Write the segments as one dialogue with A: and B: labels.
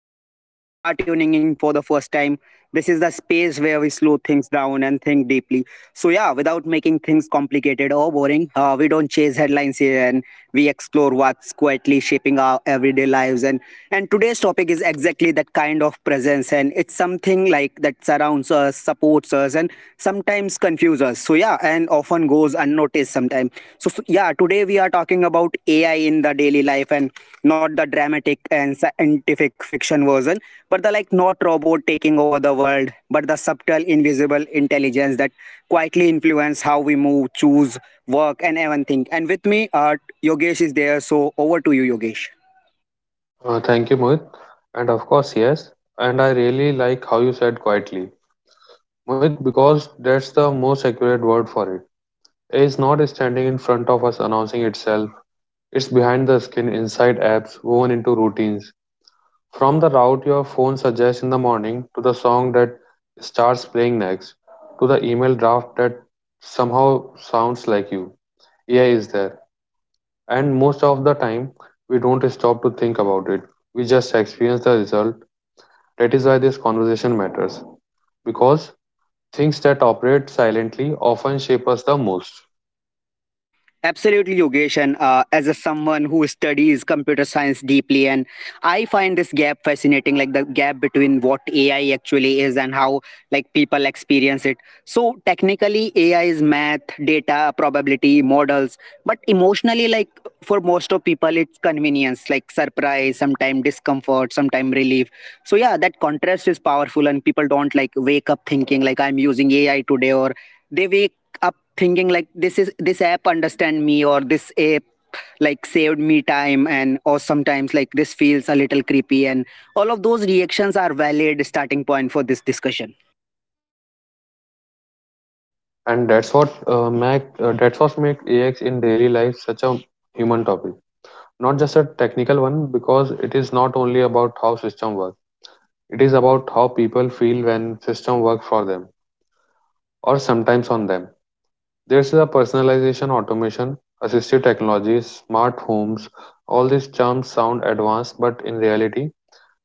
A: podcast. If you are tuning in for the first time, this is the space where we slow things down and think deeply. So yeah, without making things complicated or boring, we don't chase headlines here and we explore what's quietly shaping our everyday lives. And today's topic is exactly that kind of presence, and it's something like that surrounds us, supports us, and sometimes confuse us, so yeah, and often goes unnoticed sometimes. So yeah, today we are talking about AI in the daily life, and not the dramatic and scientific fiction version, but the like not robot taking over the world, but the subtle invisible intelligence that quietly influence how we move, choose, work, and even think. And with me, Yogesh is there, so over to you, Yogesh.
B: Thank you, Mohit. And of course, yes. And I really like how you said quietly, Mohit, because that's the most accurate word for it. It's not standing in front of us announcing itself, it's behind the skin, inside apps, woven into routines. From the route your phone suggests in the morning, to the song that starts playing next, to the email draft that somehow sounds like you. AI is there. And most of the time, we don't stop to think about it. We just experience the result. That is why this conversation matters, because things that operate silently often shape us the most,
A: Absolutely, Yogesh. And as a someone who studies computer science deeply, and I find this gap fascinating, like the gap between what AI actually is and how like people experience it. So technically, AI is math, data, probability, models, but emotionally, like for most of people, it's convenience, like surprise, sometimes discomfort, sometimes relief. So yeah, that contrast is powerful, and people don't like wake up thinking like I'm using AI today, or they wake up thinking like this is this app understand me, or this app like saved me time, and or sometimes like this feels a little creepy, and all of those reactions are valid starting point for this discussion.
B: and that's what make that's what make AX in daily life such a human topic, not just a technical one, because it is not only about how system work. It is about how people feel when system work for them or sometimes on them. There's a personalization, automation, assistive technologies, smart homes. All these terms sound advanced, but in reality,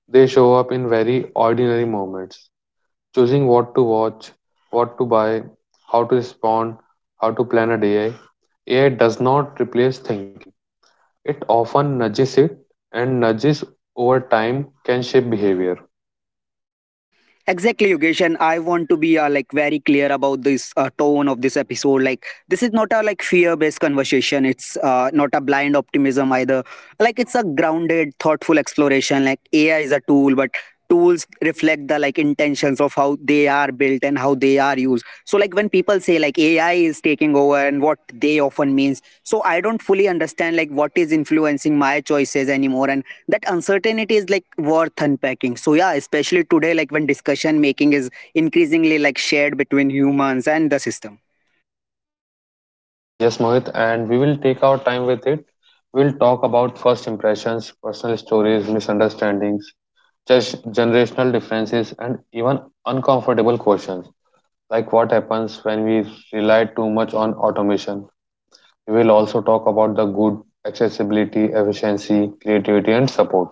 B: they show up in very ordinary moments: choosing what to watch, what to buy, how to respond, how to plan a day. AI does not replace thinking. It often nudges it, and nudges over time can shape behavior.
A: Exactly, Yogesh, and I want to be like very clear about this tone of this episode. Like, this is not a like fear-based conversation. It's not a blind optimism either. Like, it's a grounded, thoughtful exploration. Like, AI is a tool, but tools reflect the like intentions of how they are built and how they are used. So, like when people say like AI is taking over, and what they often means, so I don't fully understand like what is influencing my choices anymore, and that uncertainty is like worth unpacking. So yeah, especially today, like when discussion making is increasingly like shared between humans and the system.
B: Yes, Mohit, and we will take our time with it. We'll talk about first impressions, personal stories, misunderstandings, just generational differences, and even uncomfortable questions like what happens when we rely too much on automation. We will also talk about the good, accessibility, efficiency, creativity, and support.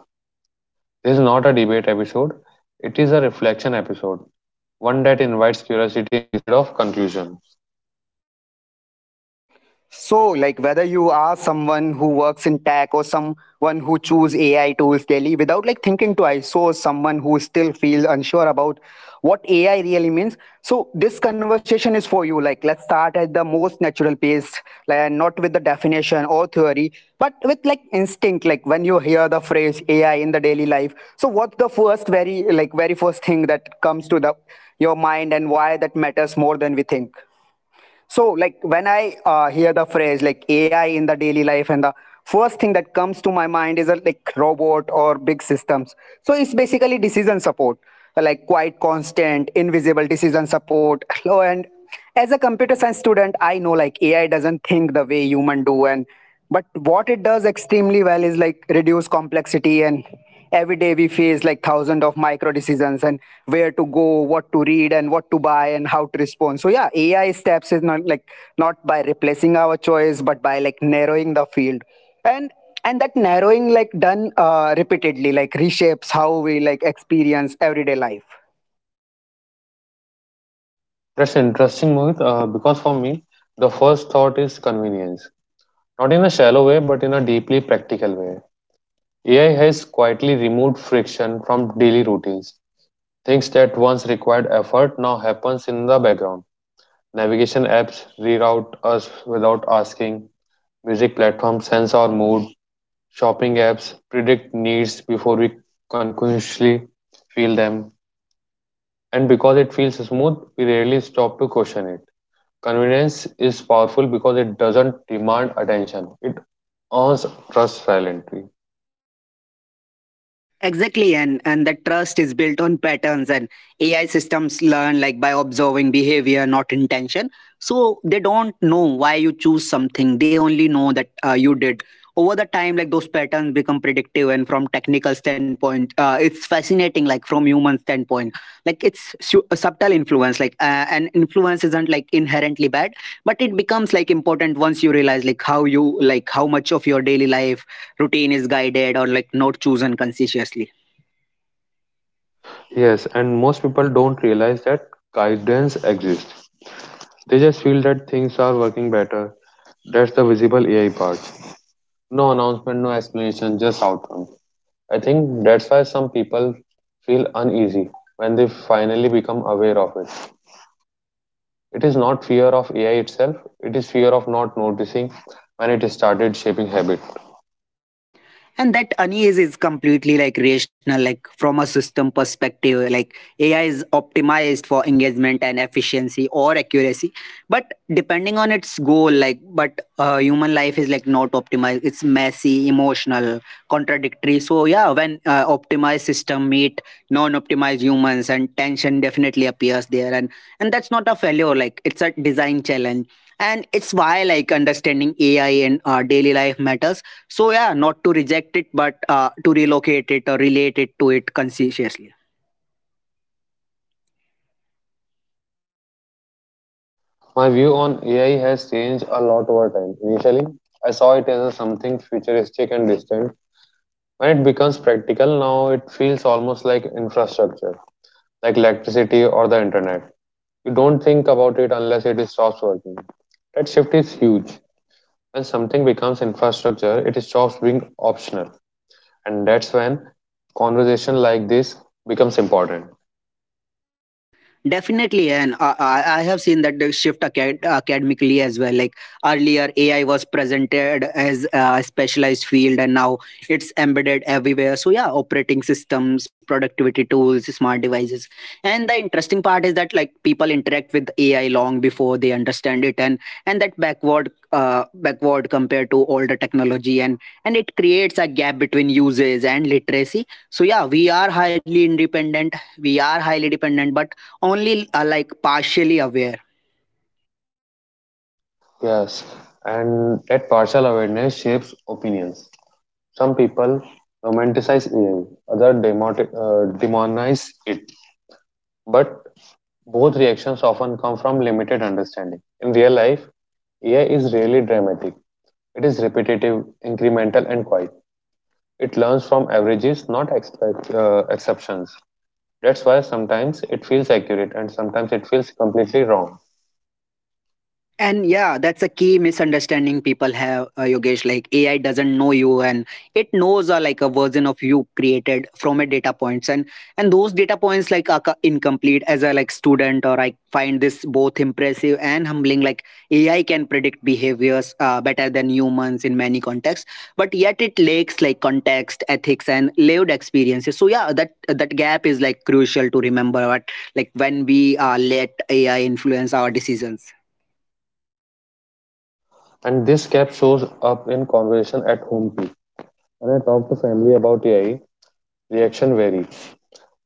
B: This is not a debate episode, it is a reflection episode, one that invites curiosity instead of confusion.
A: So, like whether you are someone who works in tech or someone who choose AI tools daily without like thinking twice, so someone who still feel unsure about what AI really means. So this conversation is for you. Like let's start at the most natural pace, like and not with the definition or theory, but with like instinct. Like when you hear the phrase AI in the daily life, so what's the first very like very first thing that comes to the your mind, and why that matters more than we think? So, like when I hear the phrase like AI in the daily life, and the first thing that comes to my mind is a, like robot or big systems. So it's basically decision support, like quite constant, invisible decision support. And as a computer science student, I know like AI doesn't think the way human do, and but what it does extremely well is like reduce complexity, and every day we face like thousands of micro decisions, and where to go, what to read, and what to buy, and how to respond. So yeah, AI steps is not like not by replacing our choice, but by like narrowing the field. And and that narrowing like done repeatedly like reshapes how we like experience everyday life.
B: That's interesting, Mohit, because for me, the first thought is convenience. Not in a shallow way, but in a deeply practical way. AI has quietly removed friction from daily routines. Things that once required effort now happens in the background. Navigation apps reroute us without asking. Music platforms sense our mood. Shopping apps predict needs before we consciously feel them. And because it feels smooth, we rarely stop to question it. Convenience is powerful because it doesn't demand attention, it earns trust silently.
A: Exactly, and that trust is built on patterns, and AI systems learn like by observing behavior, not intention. So they don't know why you choose something; they only know that you did. Over the time, like those patterns become predictive, and from technical standpoint, it's fascinating. Like from human standpoint, like it's a subtle influence. Like an influence isn't like inherently bad, but it becomes like important once you realize like how you like how much of your daily life routine is guided or like not chosen consciously.
B: Yes, and most people don't realize that guidance exists. They just feel that things are working better. That's the visible AI part. No announcement, no explanation, just outcome. I think that's why some people feel uneasy when they finally become aware of it. It is not fear of AI itself, it is fear of not noticing when it started shaping habit.
A: And that unease is completely like rational, like from a system perspective, like AI is optimized for engagement and efficiency or accuracy, but depending on its goal, like but human life is like not optimized, it's messy, emotional, contradictory. So yeah, when optimized system meet non-optimized humans, and tension definitely appears there. And that's not a failure, like it's a design challenge, and it's why like understanding AI and daily life matters. So yeah, not to reject it, but to relocate it or relate it to it consciously.
B: My view on AI has changed a lot over time. Initially, I saw it as a something futuristic and distant. When it becomes practical, now it feels almost like infrastructure, like electricity or the internet. You don't think about it unless it stops working. That shift is huge. When something becomes infrastructure, it stops being optional. And that's when conversation like this becomes important.
A: Definitely, and I have seen that the shift academically as well. Like earlier, AI was presented as a specialized field, and now it's embedded everywhere. So yeah, operating systems, productivity tools, smart devices, and the interesting part is that like people interact with AI long before they understand it, and that backward backward compared to older technology, and it creates a gap between uses and literacy. So yeah, we are highly independent. We are highly dependent, but only like partially aware.
B: Yes. And that partial awareness shapes opinions. Some people romanticize AI, others demonize it. But both reactions often come from limited understanding. In real life, AI is really dramatic. It is repetitive, incremental, and quiet. It learns from averages, not exceptions. That's why sometimes it feels accurate and sometimes it feels completely wrong.
A: And yeah, that's a key misunderstanding people have, Yogesh. Like AI doesn't know you, and it knows like a version of you created from a data points, and those data points like are incomplete. As a like student, or I find this both impressive and humbling. Like AI can predict behaviors better than humans in many contexts, but yet it lacks like context, ethics, and lived experiences. So yeah, that gap is like crucial to remember. What like when we let AI influence our decisions.
B: And this gap shows up in conversation at home too. When I talk to family about AI, reaction vary.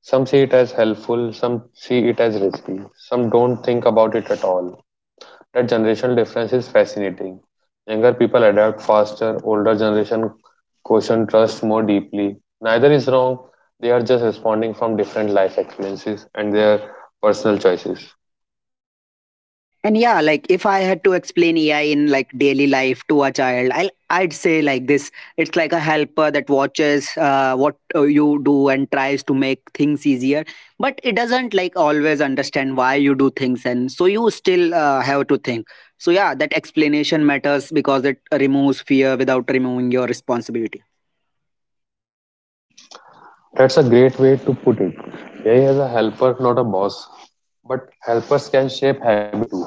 B: Some see it as helpful, some see it as risky, some don't think about it at all. That generational difference is fascinating. Younger people adapt faster, older generation question trust more deeply. Neither is wrong, they are just responding from different life experiences and their personal choices.
A: And yeah, like if I had to explain AI in like daily life to a child, I'd say like this: it's like a helper that watches what you do and tries to make things easier, but it doesn't like always understand why you do things, and so you still have to think. So yeah, that explanation matters because it removes fear without removing your responsibility.
B: That's a great way to put it. AI is a helper, not a boss. But helpers can shape habit too.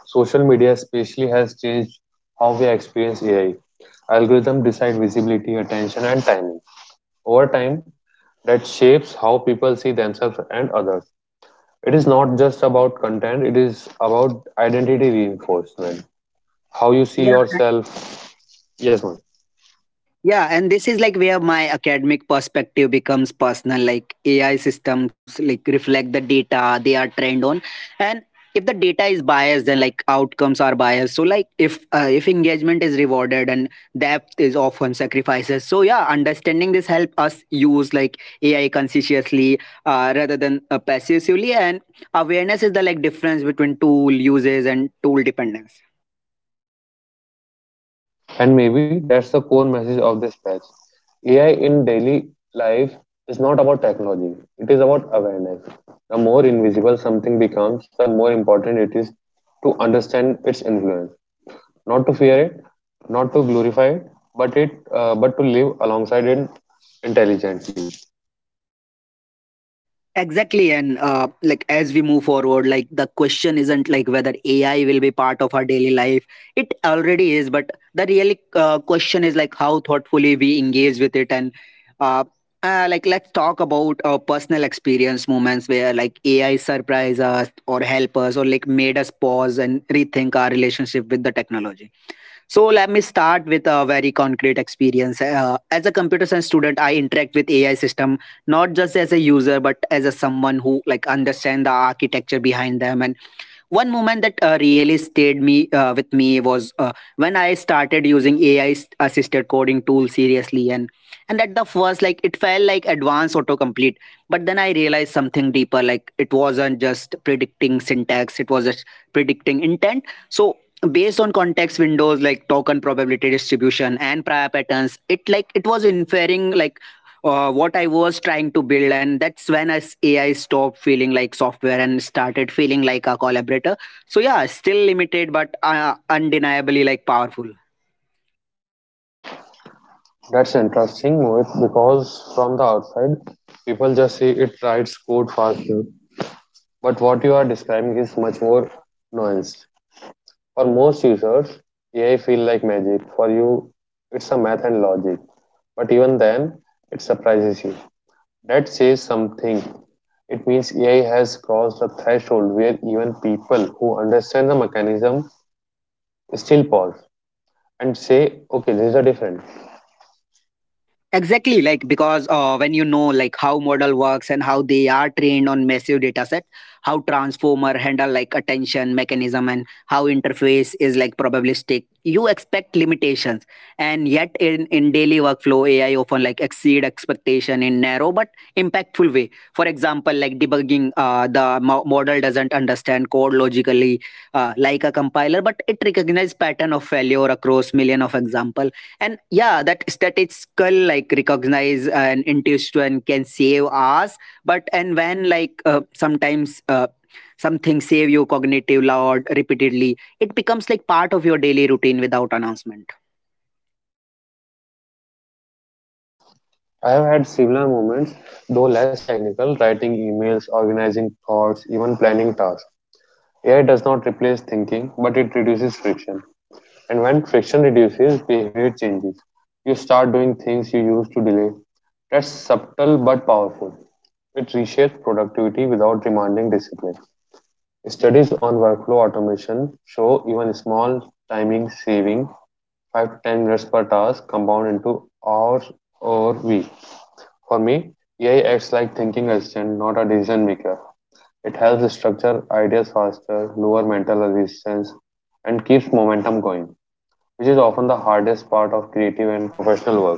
B: Social media especially has changed how we experience AI. Algorithms decide visibility, attention, and timing. Over time, that shapes how people see themselves and others. It is not just about content, it is about identity reinforcement. How you see
A: Yeah,
B: yourself. Yes, ma'am.
A: Yeah, and this is like where my academic perspective becomes personal. Like AI systems like reflect the data they are trained on, and if the data is biased, then like outcomes are biased. So like if engagement is rewarded and depth is often sacrifices. So yeah, understanding this help us use like AI consciously rather than passively, and awareness is the like difference between tool uses and tool dependence.
B: And maybe that's the core message of this patch. AI in daily life is not about technology, it is about awareness. The more invisible something becomes, the more important it is to understand its influence, not to fear it, not to glorify it, but to live alongside it intelligently.
A: Exactly, and like as we move forward, like the question isn't like whether AI will be part of our daily life. It already is, but the real question is like how thoughtfully we engage with it, and uh, like let's talk about personal experience moments where like AI surprised us or help us or like made us pause and rethink our relationship with the technology. So let me start with a very concrete experience. As a computer science student, I interact with AI system not just as a user, but as a someone who like understand the architecture behind them, and one moment that really stayed me with me was when I started using AI assisted coding tool seriously, and at the first, like it felt like advanced autocomplete. But then I realized something deeper. Like it wasn't just predicting syntax; it was just predicting intent. So based on context windows like token probability distribution and prior patterns, it like it was inferring like what I was trying to build, and that's when as AI stopped feeling like software and started feeling like a collaborator. So yeah, still limited, but undeniably like powerful.
B: That's interesting, Mohit, because from the outside, people just see it writes code faster. But what you are describing is much more nuanced. For most users, AI feel like magic. For you, it's a math and logic. But even then, it surprises you. That says something. It means AI has crossed a threshold where even people who understand the mechanism still pause and say, okay, this is a different.
A: Exactly, like because when you know like how model works and how they are trained on massive data set, how transformer handle like attention mechanism and how interface is like probabilistic, you expect limitations. And yet in daily workflow, AI often like exceed expectation in narrow but impactful way. For example, like debugging, the model doesn't understand code logically like a compiler, but it recognizes pattern of failure across million of example, and yeah, that statistical like recognize an intuition can save us, but and when like sometimes something save you cognitive load repeatedly, it becomes like part of your daily routine without announcement.
B: I have had similar moments, though less technical, writing emails, organizing thoughts, even planning tasks. AI does not replace thinking, but it reduces friction. And when friction reduces, behavior changes. You start doing things you used to delay. That's subtle but powerful. It reshapes productivity without demanding discipline. Studies on workflow automation show even small timing saving, 5 to 10 minutes per task, compound into hours or week. For me, AI acts like thinking assistant, not a decision maker. It helps structure ideas faster, lower mental resistance, and keeps momentum going, which is often the hardest part of creative and professional work.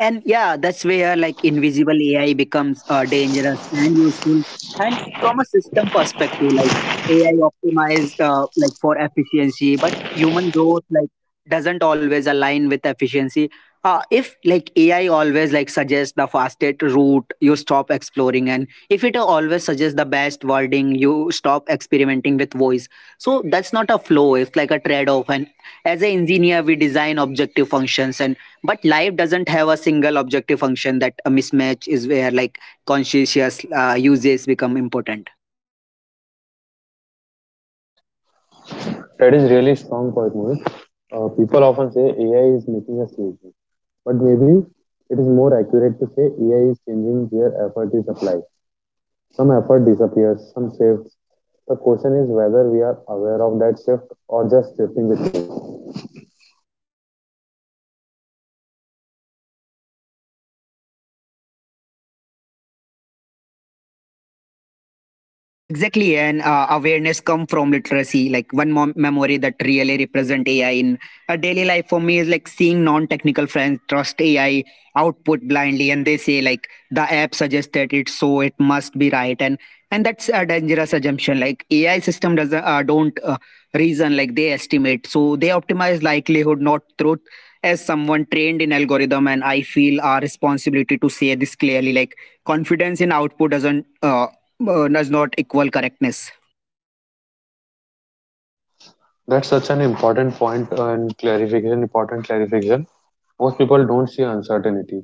A: And yeah, that's where like invisible AI becomes dangerous and useful. And from a system perspective, like AI optimized like for efficiency, but human growth like doesn't always align with efficiency. If like AI always like suggests the fastest route, you stop exploring, and if it always suggests the best wording, you stop experimenting with voice. So that's not a flow; it's like a trade-off. And as an engineer, we design objective functions and but life doesn't have a single objective function that a mismatch is where like conscientious uses become important.
B: That is really strong point, Mohit. People often say AI is making us lazy, but maybe it is more accurate to say AI is changing where effort is applied. Some effort disappears, some shifts. The question is whether we are aware of that shift or just shifting with it.
A: Exactly, and awareness come from literacy. Like one memory that really represent AI in a daily life for me is like seeing non-technical friends trust AI output blindly, and they say like the app suggested it, so it must be right, and that's a dangerous assumption. Like AI system doesn't don't reason, like they estimate, so they optimize likelihood, not truth. As someone trained in algorithm, and I feel our responsibility to say this clearly, like confidence in output does not equal correctness.
B: That's such an important point and clarification, important clarification. Most people don't see uncertainty.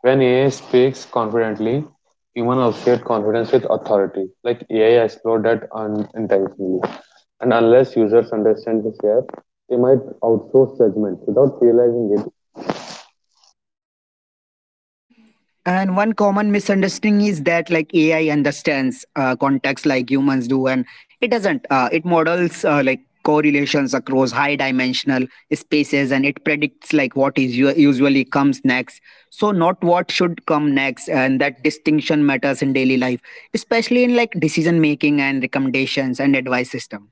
B: When AI speaks confidently, humans associate confidence with authority, like AI explored that unintentionally. And unless users understand this gap, they might outsource judgment without realizing it.
A: And one common misunderstanding is that like AI understands context like humans do, and it doesn't. It models like correlations across high dimensional spaces, and it predicts like what is usually comes next, so not what should come next, and that distinction matters in daily life, especially in like decision making and recommendations and advice system.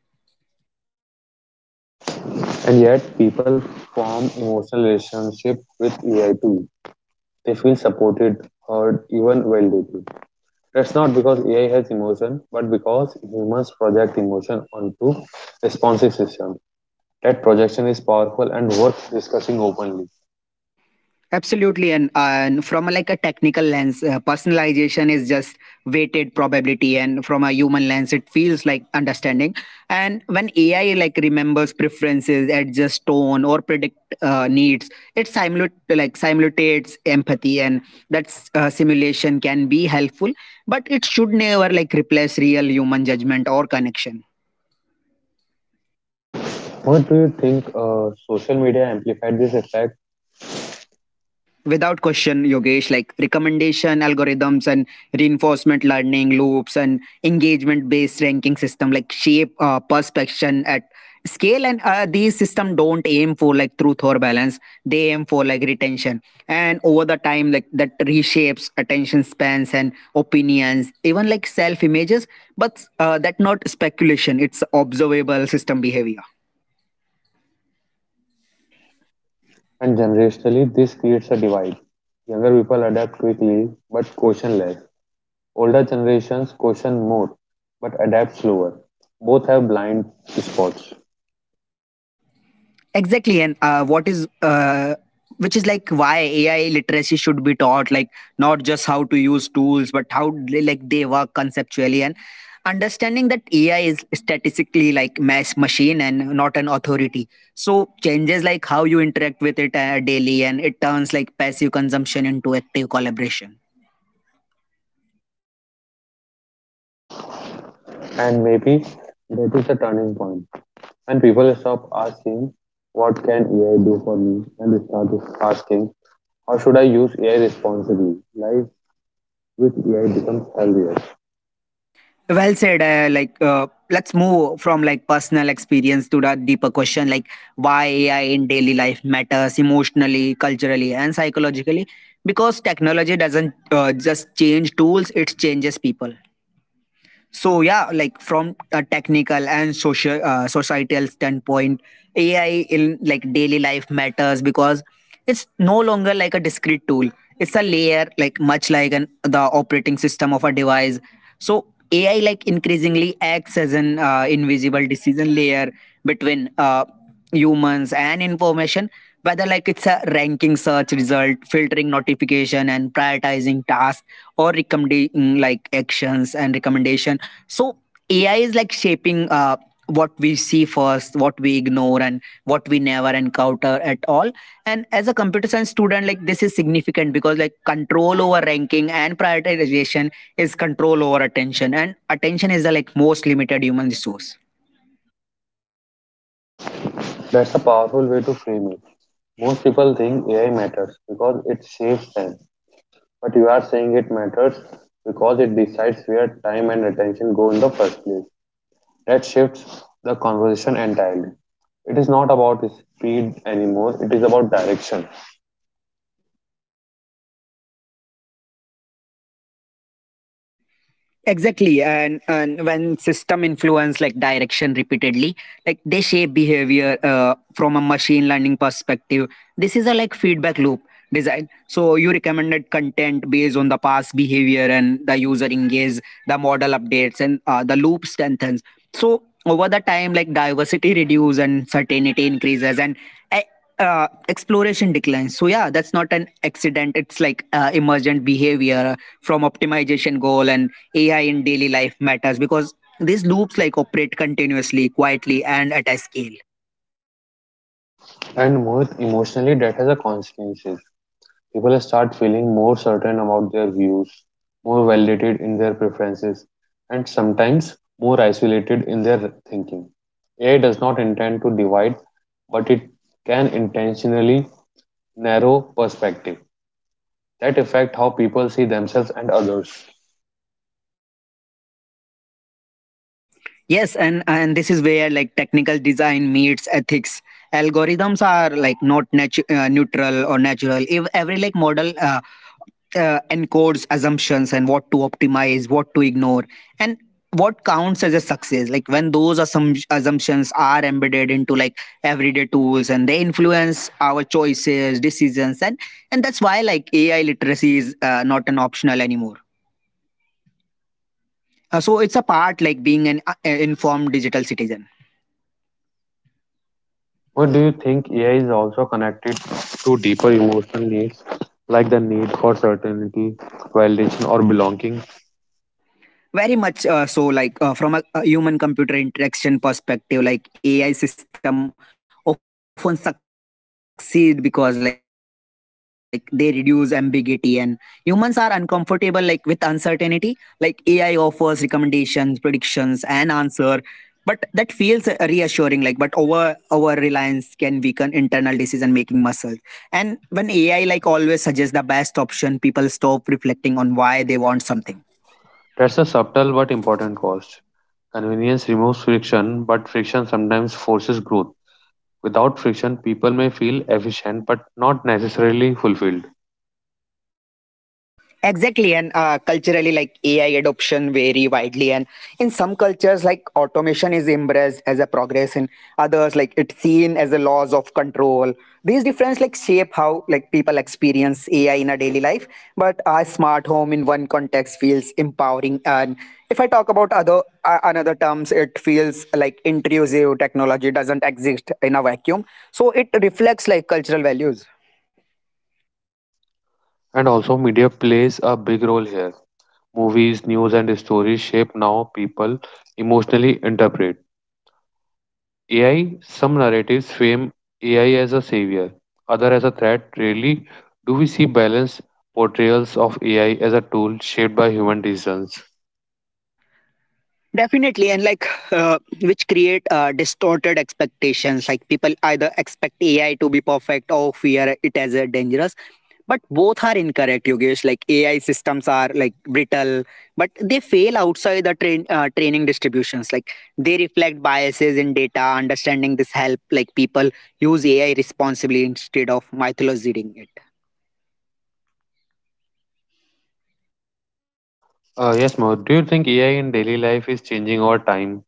B: And yet, people form emotional relationship with AI too. They feel supported, heard, even validated. That's not because AI has emotion, but because humans project emotion onto responsive system. That projection is powerful and worth discussing openly.
A: Absolutely, and from like a technical lens, personalization is just weighted probability, and from a human lens, it feels like understanding. And when AI like remembers preferences, adjusts tone, or predict needs, it like simulates empathy, and that simulation can be helpful, but it should never like replace real human judgment or connection.
B: What do you think social media amplified this effect?
A: Without question, Yogesh, like recommendation algorithms and reinforcement learning loops and engagement based ranking system like shape perspection at scale. And these system don't aim for like truth or balance; they aim for like retention. And over the time, like that reshapes attention spans and opinions, even like self images. But that not speculation, it's observable system behavior.
B: And generationally this creates a divide? Younger people adapt quickly but caution less. Older generations caution more but adapt slower. Both have blind spots.
A: Exactly, and what is which is like why AI literacy should be taught, like not just how to use tools, but how like they work conceptually, and understanding that AI is statistically like mass machine and not an authority. So changes like how you interact with it daily, and it turns like passive consumption into active collaboration.
B: And maybe that is the turning point. When people stop asking, "What can AI do for me?" and they start asking, "How should I use AI responsibly?" Life with AI becomes healthier.
A: Well said. Let's move from like personal experience to the deeper question, like why AI in daily life matters emotionally, culturally, and psychologically. Because technology doesn't just change tools; it changes people. So yeah, like from a technical and social societal standpoint, AI in like daily life matters because it's no longer like a discrete tool; it's a layer, like much like an the operating system of a device. So AI like increasingly acts as an invisible decision layer between humans and information, whether like it's a ranking search result filtering notification and prioritizing tasks, or recommending like actions and recommendation. So AI is like shaping what we see first, what we ignore, and what we never encounter at all. And as a computer science student, like this is significant because like control over ranking and prioritization is control over attention, and attention is the like most limited human resource.
B: That's a powerful way to frame it. Most people think AI matters because it saves time, but you are saying it matters because it decides where time and attention go in the first place. That shifts the conversation entirely. It is not about speed anymore, it is about direction.
A: Exactly, and when system influence like direction repeatedly, like they shape behavior. From a machine learning perspective, this is a like feedback loop design, so you recommended content based on the past behavior, and the user engage, the model updates, and the loop strengthens. So over the time, like diversity reduce and certainty increases, and uh, exploration declines. So yeah, that's not an accident; it's like emergent behavior from optimization goal. And AI in daily life matters because these loops like operate continuously, quietly, and at a scale.
B: And most emotionally, that has a consequence. People start feeling more certain about their views, more validated in their preferences, and sometimes more isolated in their thinking. AI does not intend to divide, but it can intentionally narrow perspective that affect how people see themselves and others.
A: Yes, and this is where like technical design meets ethics. Algorithms are like not neutral or natural. If every like model encodes assumptions and what to optimize, what to ignore, and what counts as a success. Like when those assumptions are embedded into like everyday tools, and they influence our choices, decisions, and that's why like AI literacy is not an optional anymore. So it's a part like being an informed digital citizen.
B: What do you think AI is also connected to deeper emotional needs like the need for certainty, validation, or belonging?
A: Very much so, like from a human computer interaction perspective, like AI system often succeed because like they reduce ambiguity, and humans are uncomfortable like with uncertainty. Like AI offers recommendations, predictions, and answer, but that feels reassuring. Like, but over reliance can weaken internal decision making muscles. And when AI like always suggests the best option, people stop reflecting on why they want something.
B: That's a subtle but important cost. Convenience removes friction, but friction sometimes forces growth. Without friction, people may feel efficient but not necessarily fulfilled.
A: Exactly, and culturally, like AI adoption vary widely, and in some cultures, like automation is embraced as a progress, in others, like it's seen as a loss of control. These differences like shape how like people experience AI in a daily life. But a smart home in one context feels empowering, and if I talk about other another terms, it feels like intrusive. Technology doesn't exist in a vacuum, so it reflects like cultural values.
B: And also, media plays a big role here. Movies, news, and stories shape now people emotionally interpret. AI, some narratives frame AI as a savior, other as a threat. Rarely do we see balanced portrayals of AI as a tool shaped by human decisions.
A: Definitely, and like which create distorted expectations. Like people either expect AI to be perfect or fear it as a dangerous. But both are incorrect, Yogesh. Like AI systems are like brittle, but they fail outside the training distributions. Like they reflect biases in data. Understanding this help like people use AI responsibly instead of mythologizing it.
B: Yes, Mo. Do you think AI in daily life is changing over time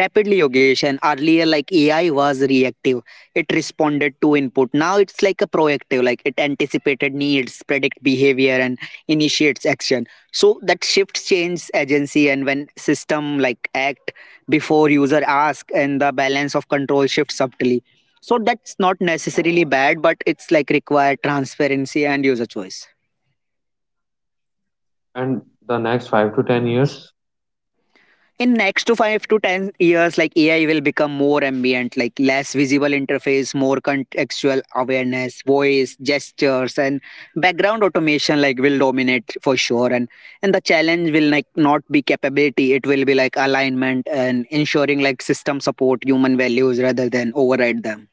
A: Rapidly, Yogesh, and earlier, like AI was reactive. It responded to input. Now it's like a proactive, like it anticipated needs, predict behavior, and initiates action. So that shift changes agency, and when system like act before user ask, and the balance of control shifts subtly. So that's not necessarily bad, but it's like required transparency and user choice.
B: and the next 5 to 10 years?
A: In next to 5 to 10 years, like AI will become more ambient, like less visible interface, more contextual awareness, voice gestures, and background automation like will dominate for sure. And the challenge will like not be capability; it will be like alignment, and ensuring like system support human values rather than override them.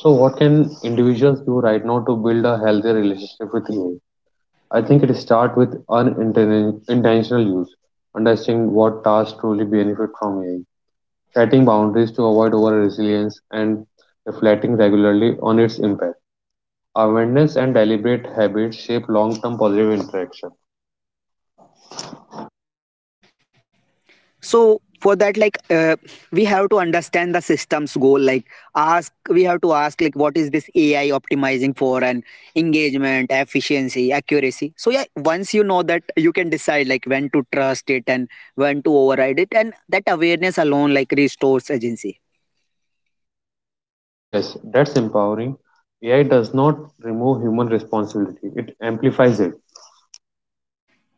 B: So, what can individuals do right now to build a healthy relationship with AI? I think it starts with unintentional use, understanding what tasks truly benefit from AI, setting boundaries to avoid over resilience, and reflecting regularly on its impact. Awareness and deliberate habits shape long term positive interaction.
A: So for that, like we have to understand the system's goal, like ask we have to ask like what is this AI optimizing for, and engagement efficiency accuracy. So yeah, once you know that, you can decide like when to trust it and when to override it, and that awareness alone like restores agency.
B: Yes, that's empowering. AI does not remove human responsibility, it amplifies it.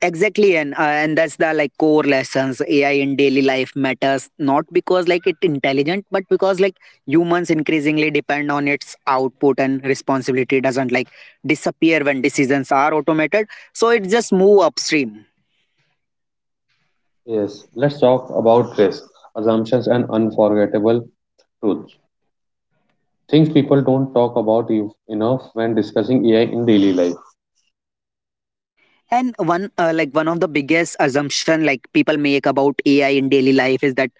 A: Exactly, and that's the like core lessons. AI in daily life matters not because like it intelligent, but because like humans increasingly depend on its output, and responsibility doesn't like disappear when decisions are automated. So it just move upstream.
B: Yes, let's talk about risk, assumptions, and unforgettable truths. Things people don't talk about enough when discussing AI in daily life.
A: And one of the biggest assumption like people make about AI in daily life is that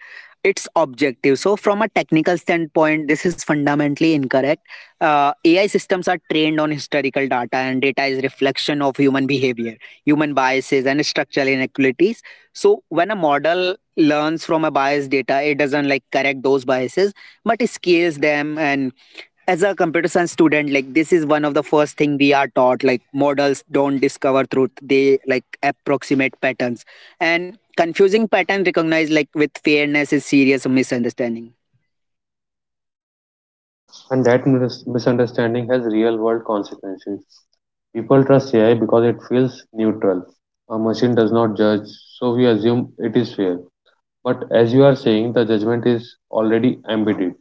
A: it's objective. So from a technical standpoint, this is fundamentally incorrect. AI systems are trained on historical data, and data is reflection of human behavior, human biases, and structural inequalities. So when a model learns from a biased data, it doesn't like correct those biases, but it scales them. And as a computer science student, like this is one of the first thing we are taught, like models don't discover truth; they like approximate patterns, and confusing pattern recognized like with fairness is serious misunderstanding.
B: And that misunderstanding has real world consequences. People trust AI because it feels neutral. A machine does not judge, so we assume it is fair. But as you are saying, the judgment is already embedded,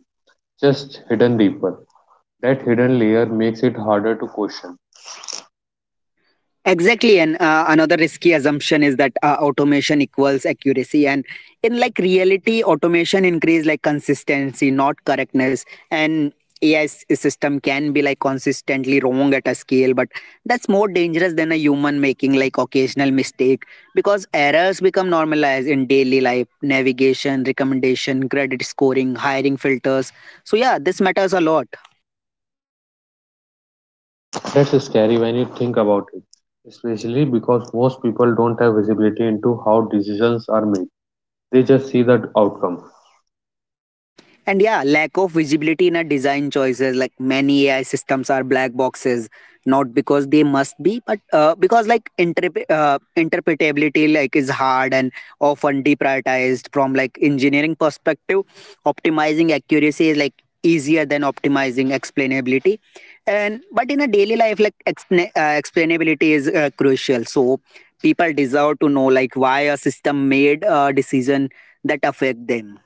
B: just hidden deeper. That hidden layer makes it harder to question.
A: Exactly, and another risky assumption is that automation equals accuracy, and in like reality, automation increase like consistency, not correctness, and AI system can be like consistently wrong at a scale, but that's more dangerous than a human making like occasional mistake, because errors become normalized in daily life, navigation, recommendation, credit scoring, hiring filters. So yeah, this matters a lot.
B: That's scary when you think about it, especially because most people don't have visibility into how decisions are made. They just see the outcome.
A: And yeah, lack of visibility in our design choices. Like many AI systems are black boxes, not because they must be, but because like interpretability like is hard and often deprioritized from like engineering perspective. Optimizing accuracy is like easier than optimizing explainability, and but in a daily life, like explainability is crucial. So people deserve to know like why a system made a decision that affect them.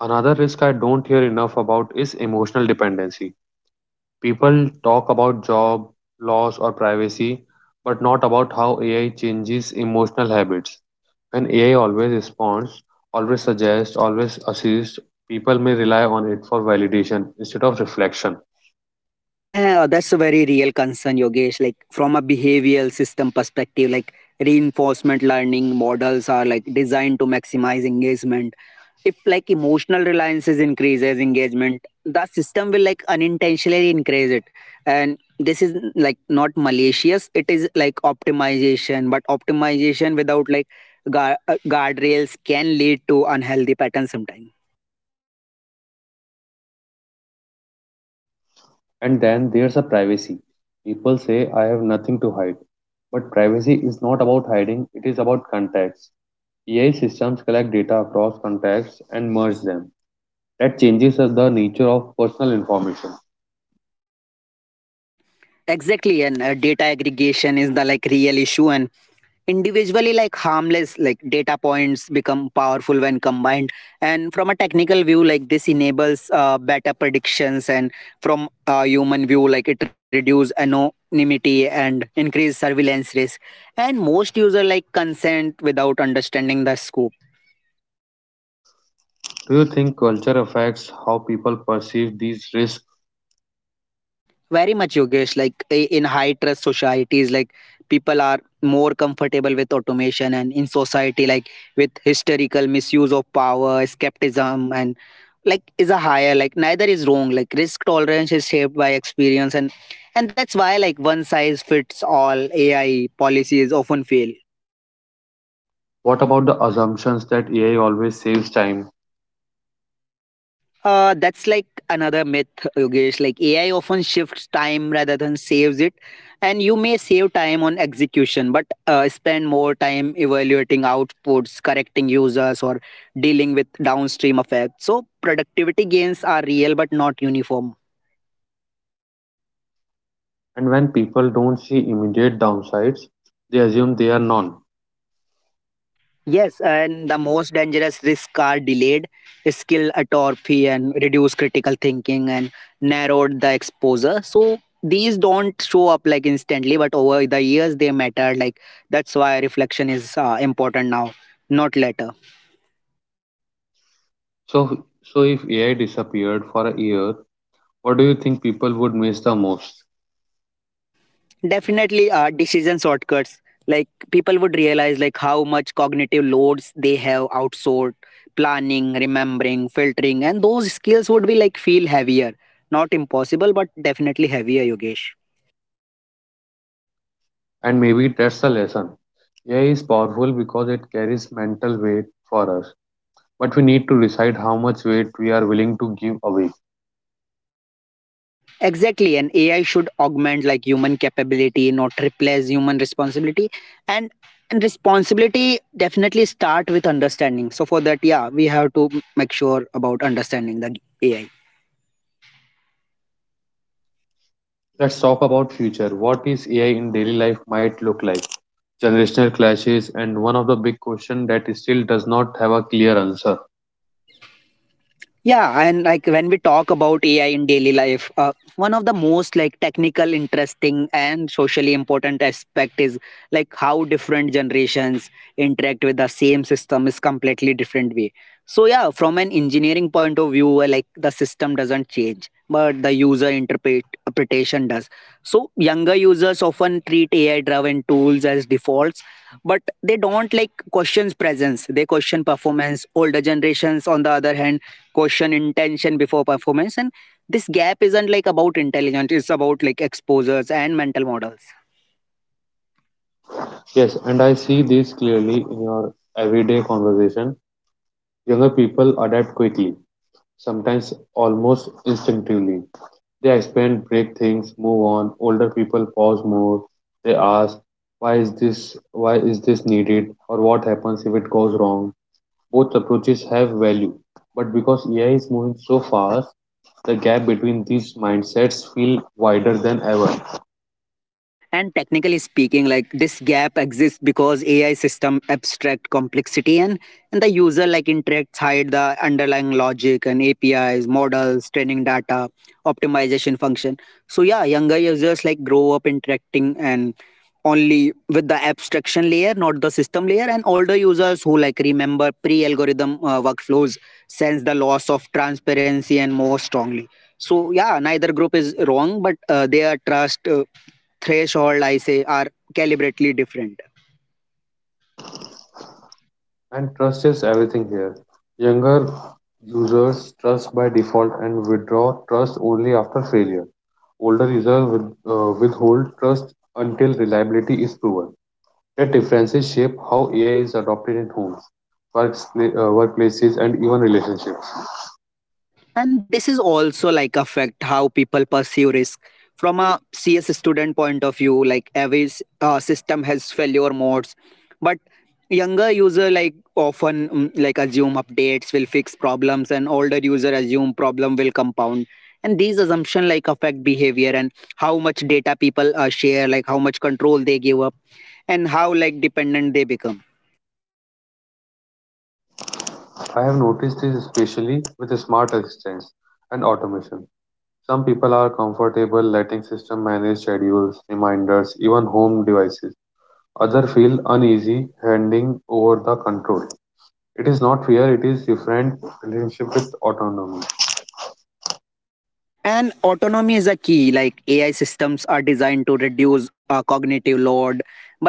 B: Another risk I don't hear enough about is emotional dependency. People talk about job, loss, or privacy, but not about how AI changes emotional habits. When AI always responds, always suggests, always assists, people may rely on it for validation instead of reflection.
A: That's a very real concern, Yogesh. Like from a behavioral system perspective, like reinforcement learning models are like designed to maximize engagement. If like emotional reliances increases engagement, the system will like unintentionally increase it. And this is like not malicious. It is like optimization, but optimization without like guard, guardrails can lead to unhealthy patterns sometimes.
B: And then there's a privacy. People say I have nothing to hide, but privacy is not about hiding, it is about contacts. AI systems collect data across contacts and merge them. That changes the nature of personal information.
A: Exactly, and data aggregation is the like real issue, and individually like harmless like data points become powerful when combined, and from a technical view, like this enables better predictions, and from a human view, like it reduces anonymity and increase surveillance risk, and most user like consent without understanding the scope.
B: Do you think culture affects how people perceive these risks?
A: Very much, Yogesh. Like in high trust societies, like people are more comfortable with automation, and in society, like with historical misuse of power, skepticism, and like is a higher. Like neither is wrong. Like risk tolerance is shaped by experience, and that's why, like, one size fits all AI policies often fail.
B: What about the assumptions that AI always saves time?
A: That's like another myth, Yogesh. Like AI often shifts time rather than saves it. And you may save time on execution, but spend more time evaluating outputs, correcting users, or dealing with downstream effects. So productivity gains are real but not uniform.
B: And when people don't see immediate downsides, they assume they are none.
A: Yes, and the most dangerous risks are delayed skill atrophy and reduced critical thinking and narrowed the exposure. So these don't show up like instantly, but over the years they matter. Like that's why reflection is important now, not later.
B: So if AI disappeared for a year, what do you think people would miss the most?
A: Definitely, decision shortcuts. Like people would realize like how much cognitive loads they have outsourced, planning, remembering, filtering, and those skills would be like feel heavier. Not impossible, but definitely heavier, Yogesh.
B: And maybe that's the lesson. AI is powerful because it carries mental weight for us, but we need to decide how much weight we are willing to give away.
A: Exactly, and AI should augment like human capability, not replace human responsibility. And and responsibility definitely start with understanding. So for that, yeah, we have to make sure about understanding the AI.
B: Let's talk about future. What is AI in daily life might look like? Generational clashes and one of the big question that still does not have a clear answer.
A: Yeah, and like when we talk about AI in daily life, one of the most like technical, interesting, and socially important aspect is like how different generations interact with the same system is completely different way. So yeah, from an engineering point of view, like the system doesn't change, but the user interpretation does. So younger users often treat AI-driven tools as defaults, but they don't like questions presence. They question performance. Older generations, on the other hand, question intention before performance, and this gap isn't like about intelligence, it's about like exposures and mental models.
B: Yes, and I see this clearly in your everyday conversation. Younger people adapt quickly, sometimes almost instinctively. They expand, break things, move on. Older people pause more. They ask, why is this needed or what happens if it goes wrong? Both approaches have value. But because AI is moving so fast, the gap between these mindsets feel wider than ever.
A: And technically speaking, like this gap exists because AI system abstract complexity, and the user like interacts hide the underlying logic and APIs, models, training data, optimization function. So yeah, younger users like grow up interacting and only with the abstraction layer, not the system layer. And older users who like remember pre-algorithm workflows sense the loss of transparency and more strongly. So yeah, neither group is wrong, but their trust. Threshold I say are calibrately different.
B: And trust is everything here. Younger users trust by default and withdraw trust only after failure. Older users withhold trust until reliability is proven. That differences shape how AI is adopted in homes, workplaces, and even relationships.
A: And this is also like affect how people perceive risk. From a CS student point of view, like every system has failure modes, but younger user like often like assume updates will fix problems and older user assume problem will compound, and these assumption like affect behavior and how much data people share, like how much control they give up and how like dependent they become.
B: I have noticed this especially with smart assistants and automation. Some people are comfortable letting system manage schedules, reminders, even home devices. Others feel uneasy handing over the control. It is not fear, it is different relationship with autonomy.
A: And autonomy is a key. Like AI systems are designed to reduce cognitive load, but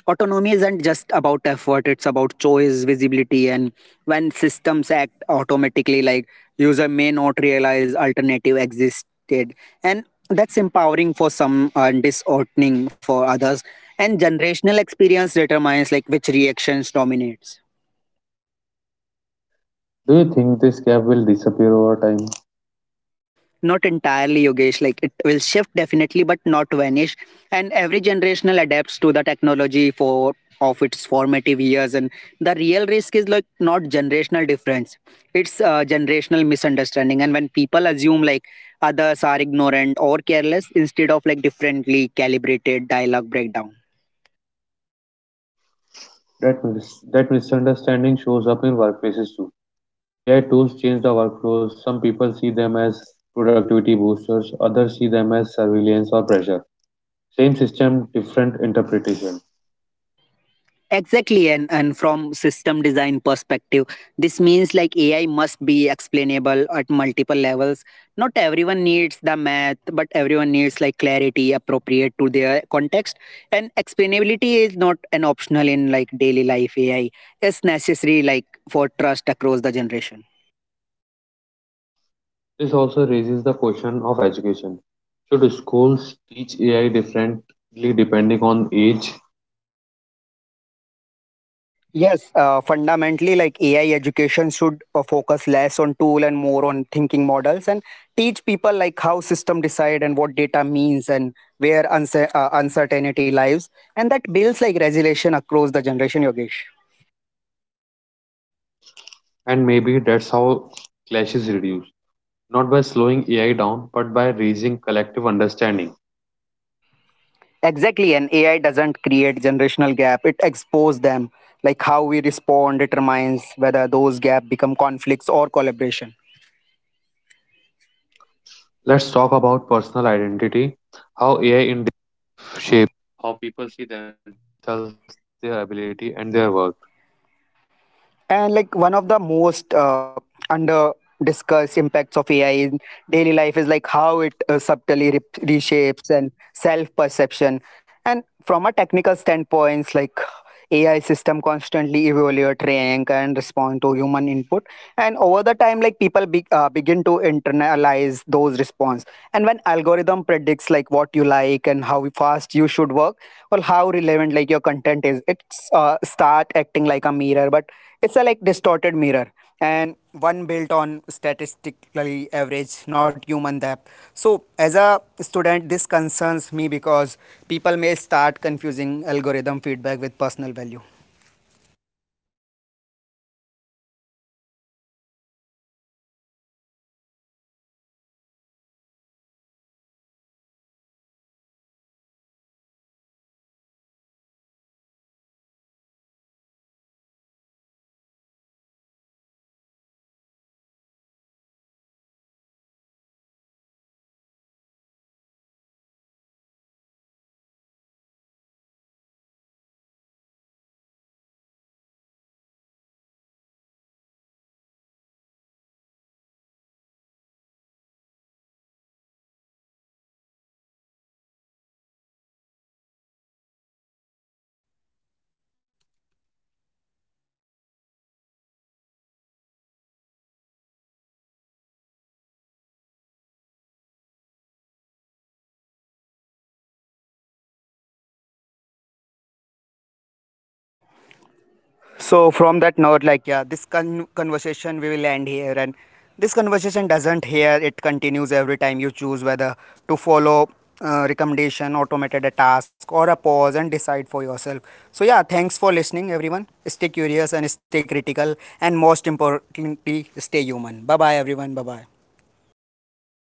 A: autonomy isn't just about effort. It's about choice, visibility, and when systems act automatically, like user may not realize alternative existed, and that's empowering for some and disheartening for others. And generational experience determines like which reactions dominates.
B: Do you think this gap will disappear over time?
A: Not entirely, Yogesh. Like it will shift definitely but not vanish, and every generational adapts to the technology for of its formative years, and the real risk is like not generational difference, it's generational misunderstanding. And when people assume like others are ignorant or careless instead of like differently calibrated, dialogue breakdown.
B: That, that misunderstanding shows up in workplaces too. AI tools change the workflows. Some people see them as productivity boosters, others see them as surveillance or pressure. Same system, different interpretation.
A: Exactly, and from system design perspective, this means like AI must be explainable at multiple levels. Not everyone needs the math, but everyone needs like clarity appropriate to their context, and explainability is not an optional in like daily life AI. Is necessary like for trust across the generation.
B: This also raises the question of education. Should schools teach AI differently depending on age?
A: Yes, fundamentally, like AI education should focus less on tool and more on thinking models, and teach people like how system decide and what data means and where uncertainty lies, and that builds like resilience across the generation, Yogesh.
B: And maybe that's how clashes reduce, not by slowing AI down, but by raising collective understanding.
A: Exactly, and AI doesn't create generational gap; it exposes them. Like how we respond determines whether those gap become conflicts or collaboration.
B: Let's talk about personal identity, how AI in shape how
A: And like one of the most under discussed impacts of AI in daily life is like how it subtly reshapes and self perception. And from a technical standpoint, like AI system constantly evaluate, rank, and respond to human input. And over the time, like people begin to internalize those response. And when algorithm predicts like what you like and how fast you should work or how relevant like your content is, it's start acting like a mirror. But it's a like distorted mirror, and one built on statistically average, not human depth. So as a student, this concerns me because people may start confusing algorithm feedback with personal value. So from that note, like, yeah, this conversation we will end here, and this conversation doesn't here. It continues every time you choose whether to follow recommendation, automated a task, or a pause and decide for yourself. So yeah, thanks for listening, everyone. Stay curious and stay critical, and most importantly, stay human. Bye bye, everyone. Bye bye.